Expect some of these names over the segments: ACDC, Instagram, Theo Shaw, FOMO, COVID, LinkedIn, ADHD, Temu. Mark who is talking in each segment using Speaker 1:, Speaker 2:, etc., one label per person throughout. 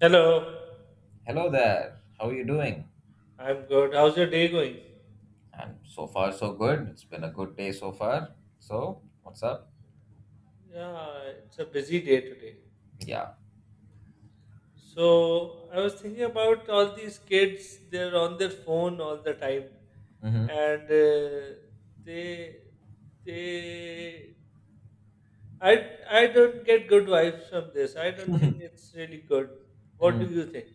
Speaker 1: Hello,
Speaker 2: Hello there. How are you doing?
Speaker 1: I'm good. How's your day going?
Speaker 2: And so far, so good. It's been a good day so far. So, what's up?
Speaker 1: Yeah, it's a busy day today.
Speaker 2: Yeah.
Speaker 1: So, I was thinking about all these kids, they're on their phone all the time
Speaker 2: Mm-hmm.
Speaker 1: and they they I I don't get good vibes from this. I don't think it's really good. What do you think?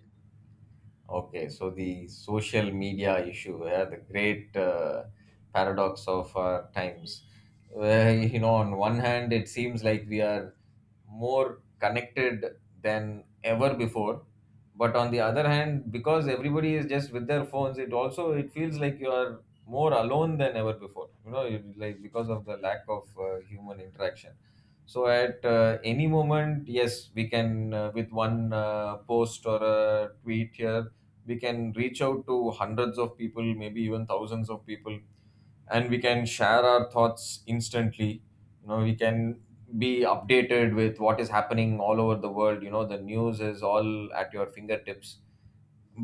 Speaker 2: Okay. So the social media issue, yeah, the great paradox of our times. Where, on one hand, it seems like we are more connected than ever before, but on the other hand, because everybody is just with their phones, it also it feels like you are more alone than ever before, you, like, because of the lack of human interaction. So at any moment, yes, we can, with one post or a tweet here, we can reach out to hundreds of people, maybe even thousands of people, and we can share our thoughts instantly. We can be updated with what is happening all over the world. The news is all at your fingertips.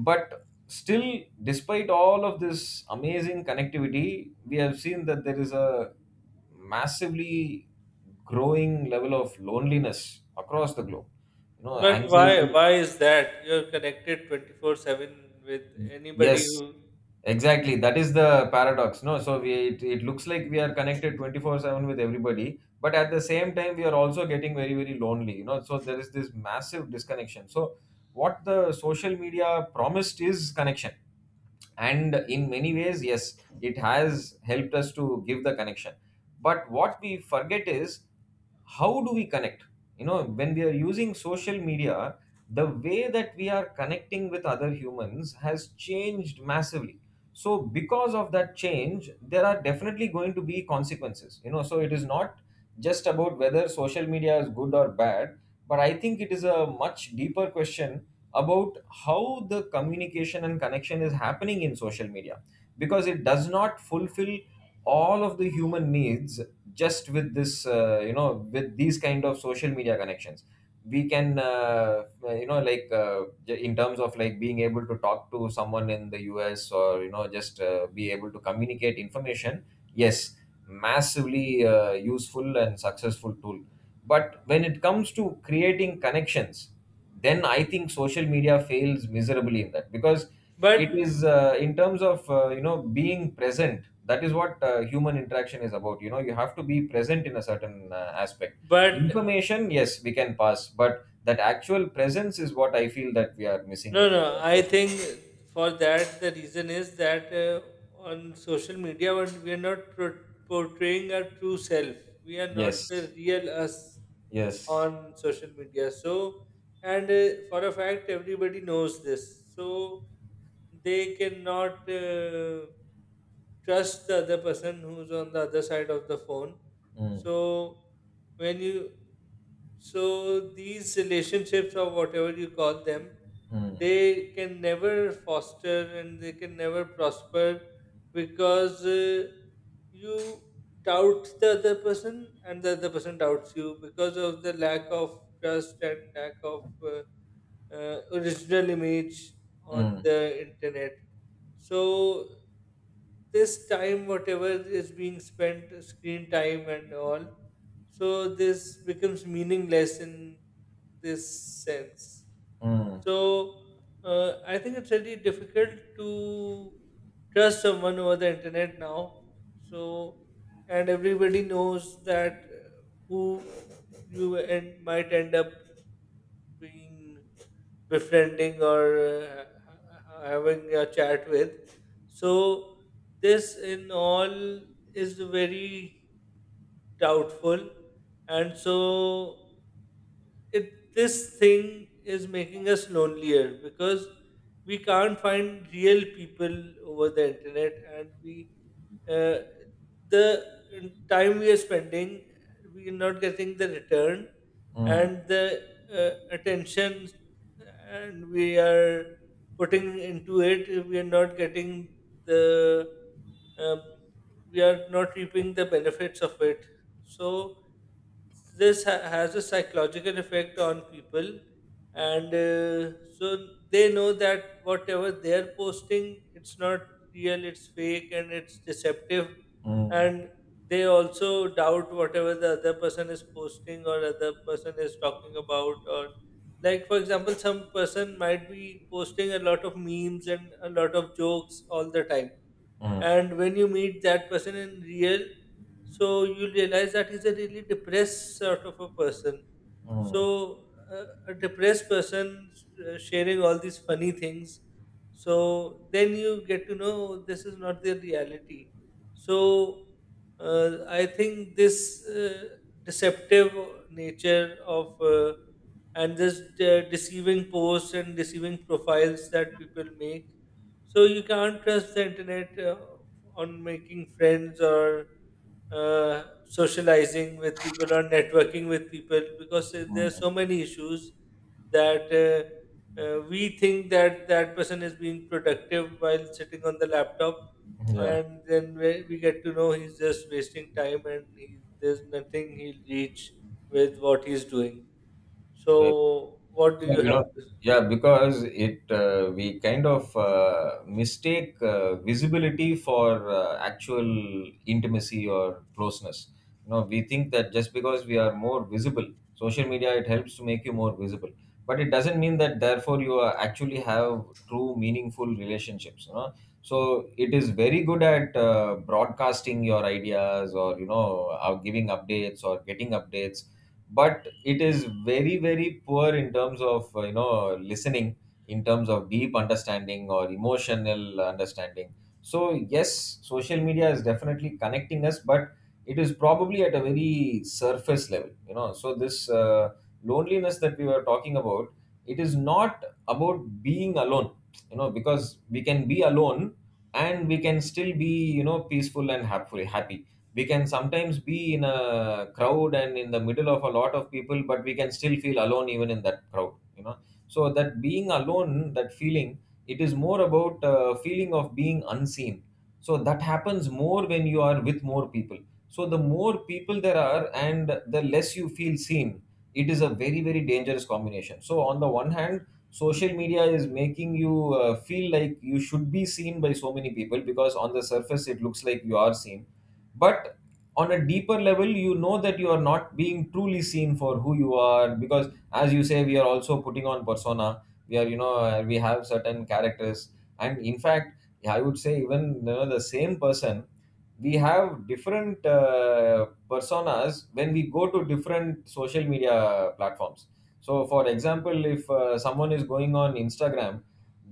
Speaker 2: But still, despite all of this amazing connectivity, we have seen that there is a massively growing level of loneliness across the globe,
Speaker 1: But why
Speaker 2: anxiety.
Speaker 1: why is that? You're connected 24/7 with anybody
Speaker 2: Yes.
Speaker 1: who
Speaker 2: Exactly, that is the paradox. No, so we it looks like we are connected 24/7 with everybody, but at the same time we are also getting very very lonely. So there is this massive disconnection. So what the social media promised is connection, and in many ways, yes, it has helped us to give the connection. But what we forget is, how do we connect? When we are using social media, the way that we are connecting with other humans has changed massively. So because of that change, there are definitely going to be consequences. So it is not just about whether social media is good or bad, but I think it is a much deeper question about how the communication and connection is happening in social media, because it does not fulfill all of the human needs. Just with this with these kind of social media connections, we can like in terms of like being able to talk to someone in the US or just be able to communicate information, yes. Massively useful and successful tool. But when it comes to creating connections, then I think social media fails miserably in that, because
Speaker 1: but
Speaker 2: it is in terms of being present. That is what human interaction is about. You know, you have to be present in a certain aspect.
Speaker 1: but
Speaker 2: Information, yes, we can pass, but that actual presence is what I feel that we are missing
Speaker 1: No,
Speaker 2: in
Speaker 1: no. I
Speaker 2: social
Speaker 1: think
Speaker 2: media.
Speaker 1: for that the reason is that on social media when we are not pro- portraying our true self. We are not
Speaker 2: Yes.
Speaker 1: the real us
Speaker 2: Yes.
Speaker 1: on social media. So, and for a fact, everybody knows this. So they cannot trust the other person who's on the other side of the phone.
Speaker 2: Mm,
Speaker 1: So when you so these relationships or whatever you call them,
Speaker 2: mm,
Speaker 1: they can never foster and they can never prosper because you doubt the other person and the other person doubts you because of the lack of trust and lack of original image on
Speaker 2: mm,
Speaker 1: the internet. So this time, whatever is being spent, screen time and all, so this becomes meaningless in this sense.
Speaker 2: mm,
Speaker 1: So I think it's really difficult to trust someone over the internet now. So and everybody knows that who might end up being befriending or having a chat with. So, this in all is very doubtful, and so it this thing is making us lonelier because we can't find real people over the internet and we uh, the time we are spending, we are not getting the return,
Speaker 2: mm,
Speaker 1: and the attention and we are putting into it, we are not getting the, um, we are not reaping the benefits of it. So this has a psychological effect on people and so they know that whatever they're posting, it's not real, it's fake, and it's deceptive.
Speaker 2: mm,
Speaker 1: And they also doubt whatever the other person is posting or other person is talking about. Or, like, for example, some person might be posting a lot of memes and a lot of jokes all the time,
Speaker 2: mm,
Speaker 1: and when you meet that person in real, so you realize that he's a really depressed sort of a person.
Speaker 2: mm,
Speaker 1: So a depressed person sharing all these funny things, so then you get to know this is not their reality. So I think this deceptive nature of and this deceiving posts and deceiving profiles that people make, so you can't trust the internet on making friends or socializing with people or networking with people, because there are
Speaker 2: mm.
Speaker 1: so many issues, that we think that that person is being productive while sitting on the laptop,
Speaker 2: Yeah.
Speaker 1: and then we get to know he's just wasting time and he, there's nothing he'll reach with what he's doing.
Speaker 2: Well,
Speaker 1: So, what do
Speaker 2: so,
Speaker 1: you have to?
Speaker 2: yeah, because it we kind of mistake visibility for actual intimacy or closeness. We think that just because we are more visible, social media it helps to make you more visible, but it doesn't mean that therefore you are actually have true meaningful relationships. So it is very good at broadcasting your ideas or, giving updates or getting updates, but it is very very poor in terms of listening, in terms of deep understanding or emotional understanding. So yes, social media is definitely connecting us, but it is probably at a very surface level. So this loneliness that we were talking about, it is not about being alone, because we can be alone, and we can still be, peaceful and happy, happy. We can sometimes be in a crowd and in the middle of a lot of people, but we can still feel alone even in that crowd. So that being alone, that feeling, it is more about feeling of being unseen. So that happens more when you are with more people. So the more people there are and the less you feel seen, it is a very very dangerous combination. So on the one hand, social media is making you feel like you should be seen by so many people, because on the surface it looks like you are seen. But on a deeper level, you know that you are not being truly seen for who you are, because as you say, we are also putting on persona. We are you know uh, we have certain characters. And in fact, I would say, even, the same person, we have different personas when we go to different social media platforms. So for example, if someone is going on Instagram,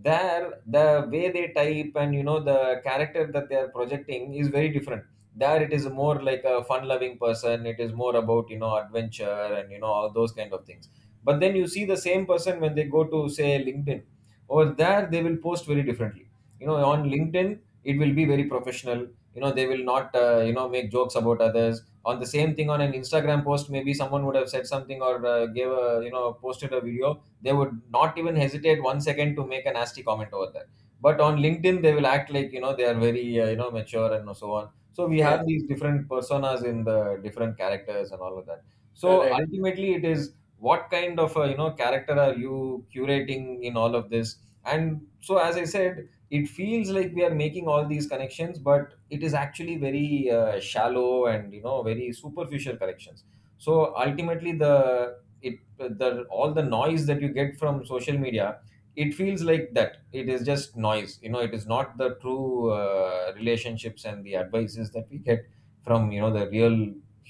Speaker 2: there the way they type and, the character that they are projecting is very different. There it is more like a fun loving person. It is more about, adventure and, all those kind of things. But then you see the same person when they go to, say, LinkedIn. Over there, they will post very differently. On LinkedIn, it will be very professional. You know they will not, make jokes about others. On the same thing on an Instagram post, maybe someone would have said something, or gave a you know posted a video, they would not even hesitate one second to make a nasty comment over there. But on LinkedIn, they will act like, they are very mature and so on. So we
Speaker 1: Yes,
Speaker 2: have these different personas in the different characters and all of that. So
Speaker 1: correct.
Speaker 2: ultimately, it is what kind of a, character are you curating in all of this? And so, as I said, it feels like we are making all these connections, but it is actually very shallow and, very superficial connections. So ultimately, the it the all the noise that you get from social media, it feels like that it is just noise. It is not the true relationships and the advices that we get from, the real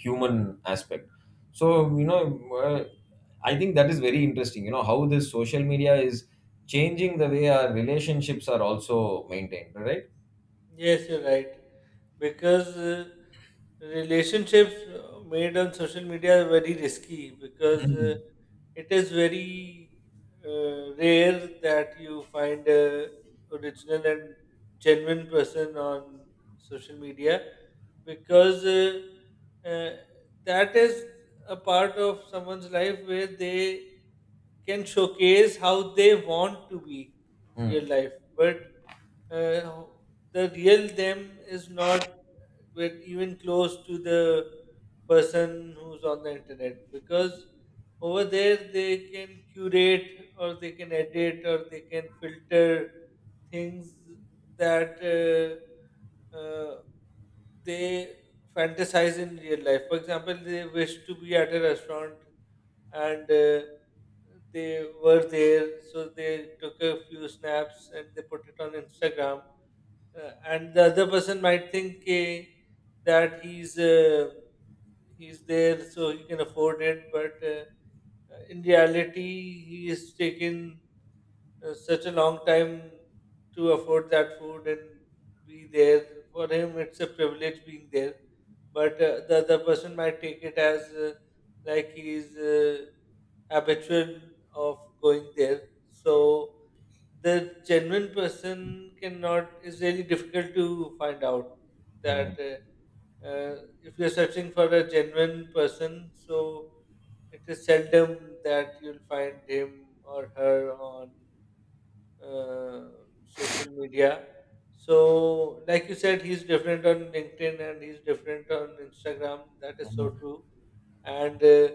Speaker 2: human aspect. So, you know uh, I think that is very interesting, how this social media is changing the way our relationships are also maintained, right?
Speaker 1: Yes, you're right. Because relationships made on social media are very risky because
Speaker 2: Mm.
Speaker 1: it is very rare that you find a original and genuine person on social media. Because uh, that is a part of someone's life where they can showcase how they want to be in real life, but uh, the real them is not even close to the person who's on the internet, because over there they can curate or they can edit or they can filter things that they fantasize in real life. For example, they wish to be at a restaurant and they were there, so they took a few snaps and they put it on Instagram. Uh, and the other person might think, eh, that he's there so he can afford it, but in reality he has taken such a long time to afford that food and be there. For him it's a privilege being there, but the other person might take it as like he's habitual of going there. So the genuine person cannot is really difficult to find out, that
Speaker 2: Mm.
Speaker 1: uh, if you're searching for a genuine person, so it is seldom that you'll find him or her on uh, social media. So, like you said, he's different on LinkedIn and he's different on Instagram. That is so
Speaker 2: Mm.
Speaker 1: true. And uh,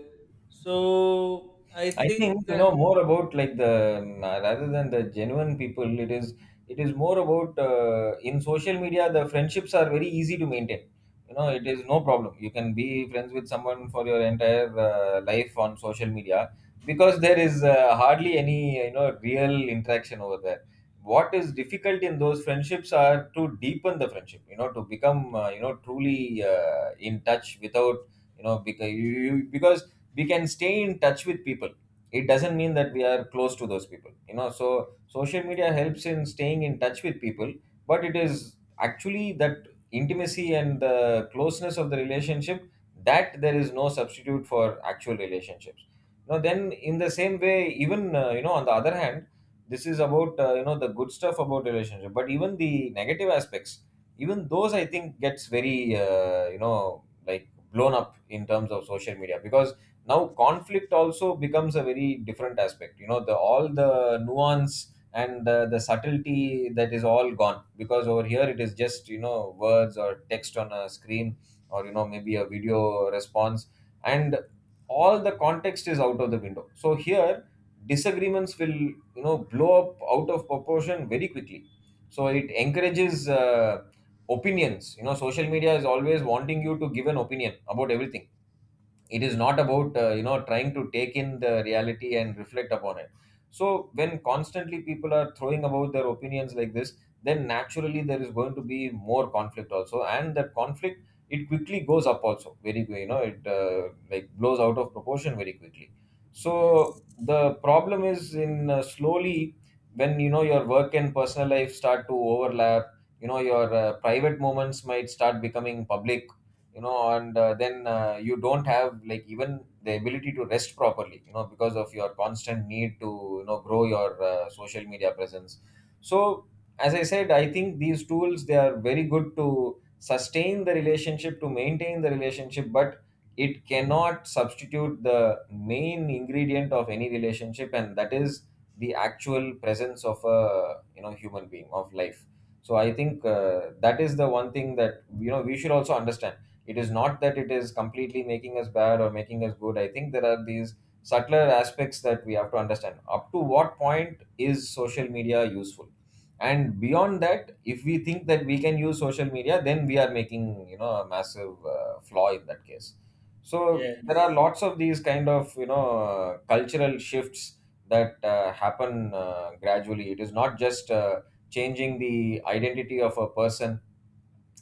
Speaker 1: so i
Speaker 2: I
Speaker 1: think
Speaker 2: think,
Speaker 1: that.
Speaker 2: more about like the rather than the genuine people. It is more about in social media, the friendships are very easy to maintain. You know
Speaker 1: Hmm.
Speaker 2: it is no problem. You can be friends with someone for your entire life on social media, because there is hardly any, real interaction over there. What is difficult in those friendships are to deepen the friendship. To become truly in touch without, because you because we can stay in touch with people, it doesn't mean that we are close to those people. So social media helps in staying in touch with people, but it is actually that intimacy and the closeness of the relationship, that there is no substitute for actual relationships. Now then, in the same way, even, on the other hand, this is about the good stuff about relationship, but even the negative aspects, even those, I think, gets very like blown up in terms of social media, because now conflict also becomes a very different aspect, the all the nuance and the subtlety, that is all gone, because over here it is just, words or text on a screen, or, maybe a video response. And all the context is out of the window. So here disagreements will, blow up out of proportion very quickly. So it encourages opinions. Social media is always wanting you to give an opinion about everything. It is not about trying to take in the reality and reflect upon it. So when constantly people are throwing about their opinions like this, then naturally there is going to be more conflict also, and that conflict, it quickly goes up also very, it like blows out of proportion very quickly.
Speaker 1: Yes,
Speaker 2: So the problem is in slowly, when, your work and personal life start to overlap, your private moments might start becoming public, and then you don't have like even the ability to rest properly, because of your constant need to, grow your social media presence. So as I said, I think these tools, they are very good to sustain the relationship, to maintain the relationship, but it cannot substitute the main ingredient of any relationship, and that is the actual presence of a, human being, of life. So I think that is the one thing that, we should also understand. It is Not that it is completely making us bad or making us good. I think there are these subtler aspects that we have to understand. Up to what point is social media useful, and beyond that if we think that we can use social media, then we are making a massive flaw in that case. So there are
Speaker 1: yes,
Speaker 2: lots of these kind of cultural shifts that happen gradually. It is not just changing the identity of a person.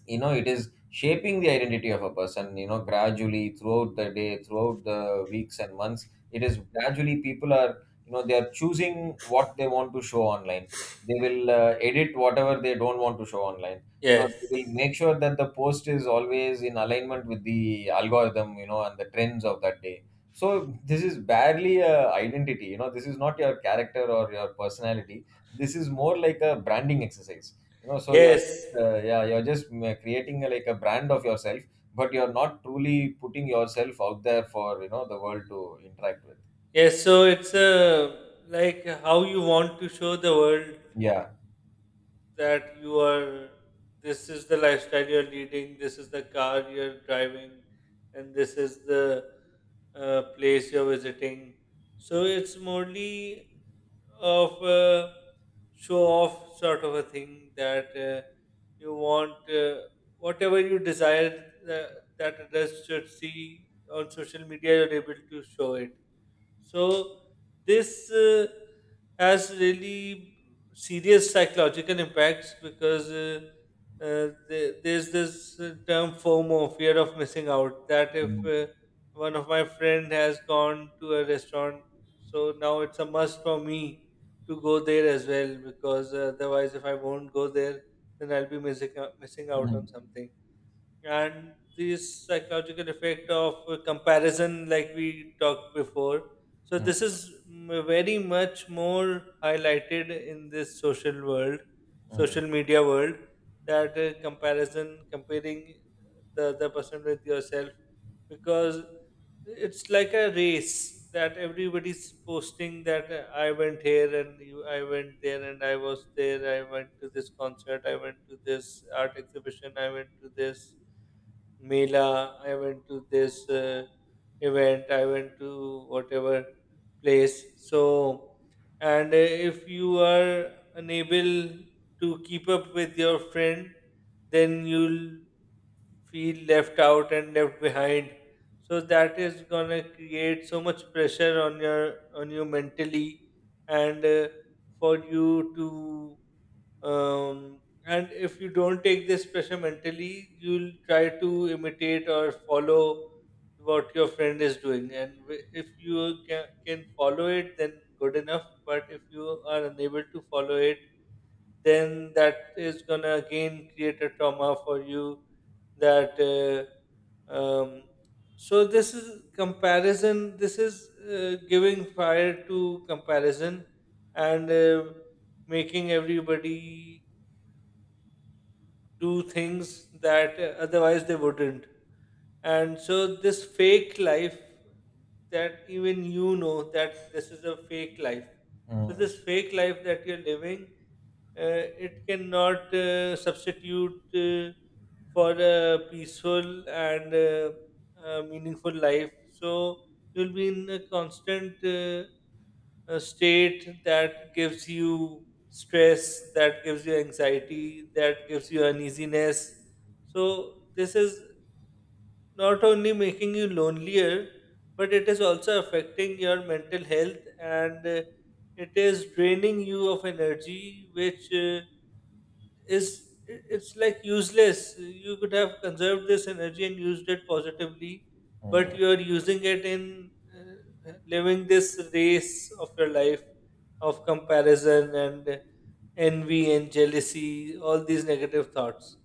Speaker 2: You know, it is shaping the identity of a person, you know, gradually throughout the day, throughout the weeks and months. It is gradually, people are, you know, they are choosing what they want to show online. They will edit whatever they don't want to show online. You know,
Speaker 1: yes.
Speaker 2: they will make sure that the post is always in alignment with the algorithm, you know, and the trends of that day. So this is barely a identity. You know, this is not your character or your personality. This is more like a branding exercise. You know so your
Speaker 1: Yes,
Speaker 2: Yeah, you're just creating a, like a brand of yourself, but you're not truly putting yourself out there for, you know, the world to interact with.
Speaker 1: yes. So it's like how you want to show the world
Speaker 2: Yeah.
Speaker 1: that you are. This is the lifestyle you're leading. This is the car you're driving, and this is the place you're visiting. So it's morely of a show off sort of a thing that you want whatever you desire that others should see on social media. You're able to show it. So this has really serious psychological impacts, because there's this term FOMO, fear of missing out. That if
Speaker 2: Mm.
Speaker 1: one of my friend has gone to a restaurant, so now it's a must for me to go there as well, because otherwise, if I won't go there, then I'll be missing out
Speaker 2: Mm.
Speaker 1: on something. And this psychological effect of comparison, like we talked before, so
Speaker 2: Mm.
Speaker 1: this is very much more highlighted in this social world,
Speaker 2: Mm.
Speaker 1: social media world. That comparison, comparing the other person with yourself, because it's like a race that everybody's posting, that I went here and you, I went there and I was there, I went to this concert, I went to this art exhibition, I went to this Mela, I went to this event, I went to whatever place. So, and if you are unable to keep up with your friend, then you'll feel left out and left behind. So that is gonna create so much pressure on your on you mentally, and for you to and if you don't take this pressure mentally, you'll try to imitate or follow what your friend is doing, and if you can follow it then good enough, but if you are unable to follow it, then that is gonna again create a trauma for you. That so this is comparison, this is giving fire to comparison, and making everybody do things that otherwise they wouldn't. And so, this fake life that even you know that this is a fake life. So,
Speaker 2: Mm.
Speaker 1: this fake life that you're living, it cannot substitute for a peaceful and meaningful life. So you'll be in a constant state that gives you stress, that gives you anxiety, that gives you uneasiness. So this is not only making you lonelier, but it is also affecting your mental health, and it is draining you of energy, which is it's like useless. You could have conserved this energy and used it positively, but
Speaker 2: Mm.
Speaker 1: you are using it in living this race of your life of comparison and envy and jealousy, all these negative thoughts.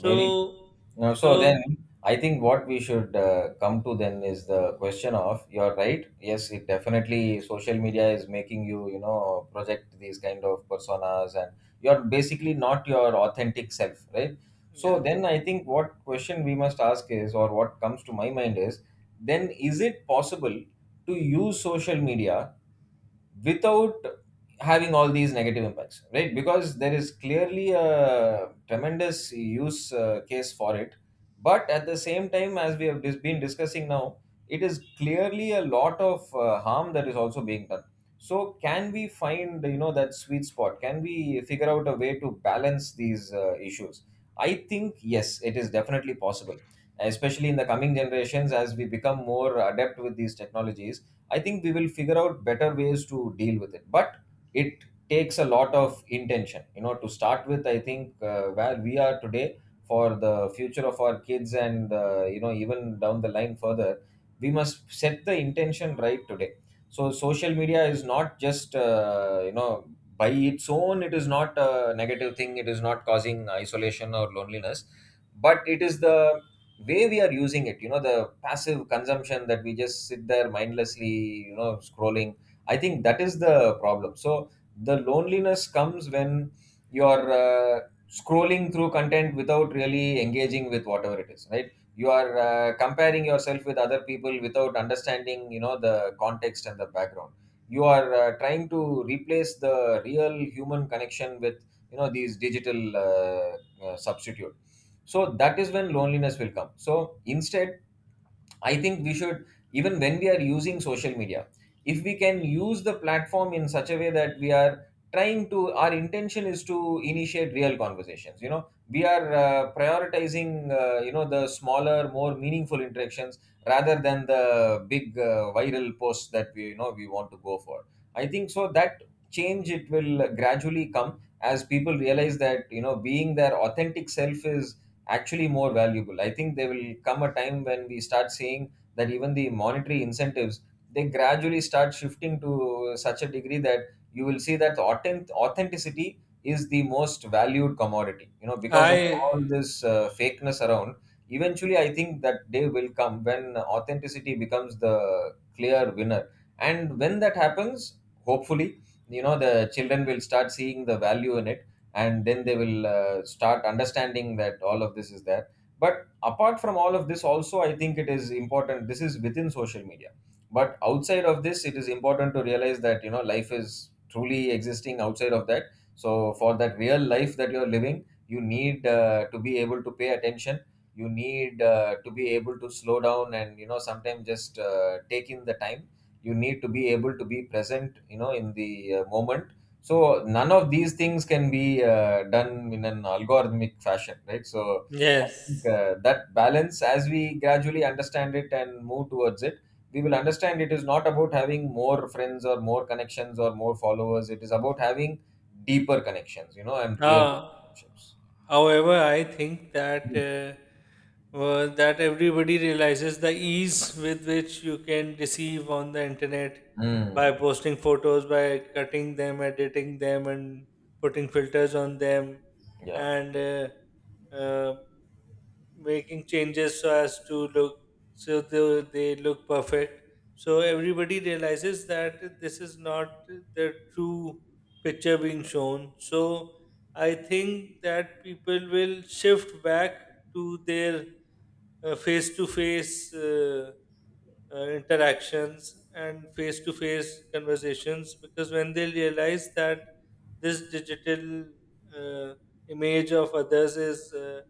Speaker 2: Very true. Now, so
Speaker 1: so
Speaker 2: then I think what we should come to then is the question of, you're right. Yes, it definitely, social media is making you, you know, project these kind of personas, and you're basically not your authentic self, right? So
Speaker 1: yeah,
Speaker 2: then I think what question we must ask is, or what comes to my mind is, then is it possible to use social media without having all these negative impacts, right? Because there is clearly a tremendous use case for it, but at the same time, as we have been discussing now, it is clearly a lot of harm that is also being done. So can we find, you know, that sweet spot? Can we figure out a way to balance these issues? I think yes, it is definitely possible, especially in the coming generations as we become more adept with these technologies. I think we will figure out better ways to deal with it. But it takes a lot of intention, you know, to start with. I think where we are today, for the future of our kids and, you know, even down the line further, we must set the intention right today. So, social media is not just, you know, by its own, it is not a negative thing, it is not causing isolation or loneliness, but it is the way we are using it. You know, the passive consumption, that we just sit there mindlessly, you know, scrolling. I think that is the problem. So the loneliness comes when you're scrolling through content without really engaging with whatever it is, right? You are comparing yourself with other people without understanding, you know, the context and the background. You are trying to replace the real human connection with, you know, these digital substitute. So that is when loneliness will come. So instead, I think we should, even when we are using social media, if we can use the platform in such a way that we are trying to, our intention is to initiate real conversations. You know, we are prioritizing, you know, the smaller, more meaningful interactions rather than the big viral posts that we, you know, we want to go for. I think so that change, it will gradually come as people realize that, you know, being their authentic self is actually more valuable. I think there will come a time when we start seeing that even the monetary incentives, they gradually start shifting to such a degree that you will see that authenticity is the most valued commodity. You know, because of
Speaker 1: I
Speaker 2: all this fakeness around, eventually I think that day will come when authenticity becomes the clear winner. And when that happens, hopefully, you know, the children will start seeing the value in it, and then they will start understanding that all of this is there. But apart from all of this also, I think it is important, this is within social media, but outside of this, it is important to realize that, you know, life is truly existing outside of that. So for that real life that you're living, you need to be able to pay attention. You need to be able to slow down and, you know, sometimes just take in the time. You need to be able to be present, you know, in the moment. So none of these things can be done in an algorithmic fashion, right? So I think
Speaker 1: yes.
Speaker 2: that balance, as we gradually understand it and move towards it, we will understand it is not about having more friends or more connections or more followers. It is about having deeper connections, you know, and real
Speaker 1: Uh,
Speaker 2: relationships.
Speaker 1: however, I think that
Speaker 2: Mm.
Speaker 1: that everybody realizes the ease with which you can deceive on the internet by posting photos, by cutting them, editing them, and putting filters on them,
Speaker 2: Yeah.
Speaker 1: and making changes so as to look so they look perfect. So everybody realizes that this is not the true picture being shown. So I think that people will shift back to their face to face interactions and face to face conversations, because when they realize that this digital uh, image of others is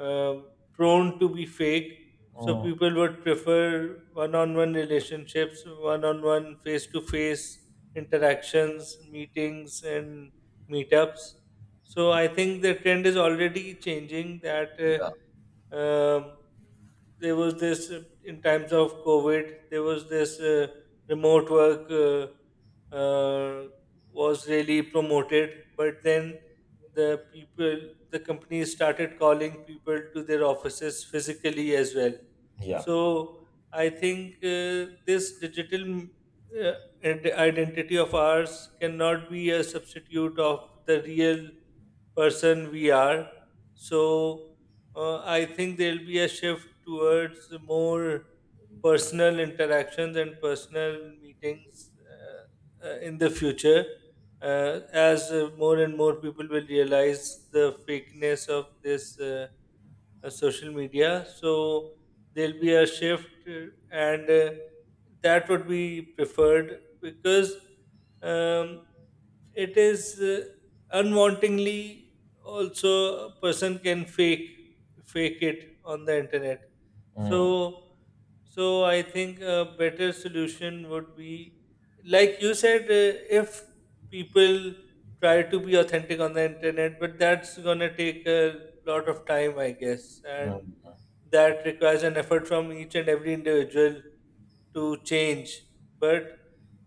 Speaker 1: uh, prone to be fake. So
Speaker 2: Mm.
Speaker 1: people would prefer one-on-one relationships, one-on-one face-to-face interactions, meetings, and meetups. So I think the trend is already changing that.
Speaker 2: Yeah.
Speaker 1: Um, there was this in times of COVID. There was this remote work was really promoted, but then the people, the companies started calling people to their offices physically as well.
Speaker 2: Yeah.
Speaker 1: So I think this digital uh, identity of ours cannot be a substitute of the real person we are. So I think there'll be a shift towards more personal interactions and personal meetings in the future as more and more people will realize the fakeness of this. Social media. So there'll be a shift, and that would be preferred, because um, it is unwantingly also a person can fake it on the internet.
Speaker 2: Mm.
Speaker 1: So so I think a better solution would be, like you said, if people try to be authentic on the internet, but that's gonna take a lot of time, I guess, and
Speaker 2: Mm.
Speaker 1: that requires an effort from each and every individual to change. But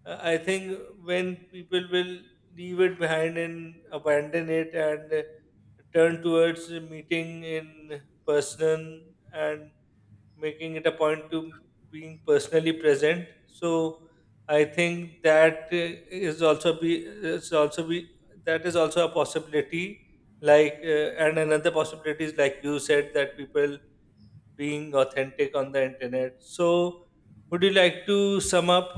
Speaker 1: I think when people will leave it behind and abandon it and turn towards meeting in person and making it a point to being personally present, so I think that is also be that is also a possibility, like and another possibility is, like you said, that people being authentic on the internet. So would you like to sum up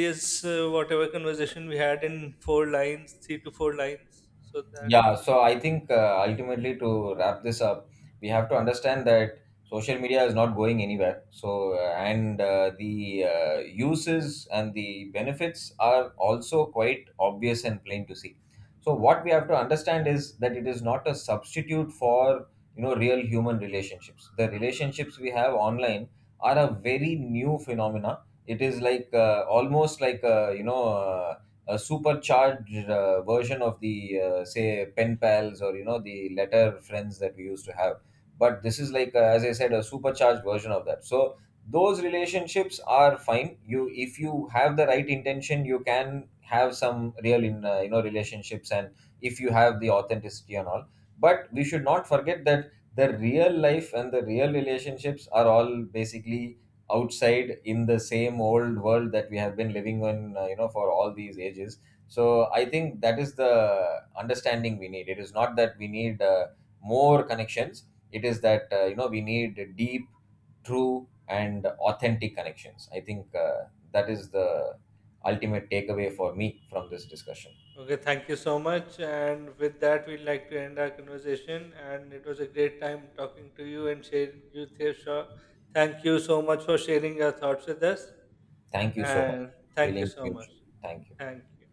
Speaker 1: this whatever conversation we had in four lines, three to four lines, so that
Speaker 2: Yeah,
Speaker 1: we
Speaker 2: so I think ultimately, to wrap this up, we have to understand that social media is not going anywhere. So, and the uses and the benefits are also quite obvious and plain to see. So, what we have to understand is that it is not a substitute for, you know, real human relationships. The relationships we have online are a very new phenomena. It is like almost like a, you know. A supercharged version of the say pen pals, or you know, the letter friends that we used to have. But this is like, as I said, a supercharged version of that. So those relationships are fine. You, if you have the right intention, you can have some real in you know, relationships, and if you have the authenticity and all. But we should not forget that the real life and the real relationships are all basically outside, in the same old world that we have been living in, you know, for all these ages. So I think that is the understanding we need. It is not that we need more connections. It is that, you know, we need deep, true and authentic connections. I think that is the ultimate takeaway for me from this discussion.
Speaker 1: Okay, thank you so much. And with that, we'd like to end our conversation. And it was a great time talking to you and share you, Theo Shaw. Thank you so much for sharing your thoughts with us.
Speaker 2: Thank you so much.
Speaker 1: And thank you
Speaker 2: Feeling
Speaker 1: so much.
Speaker 2: future, thank you.
Speaker 1: Thank you.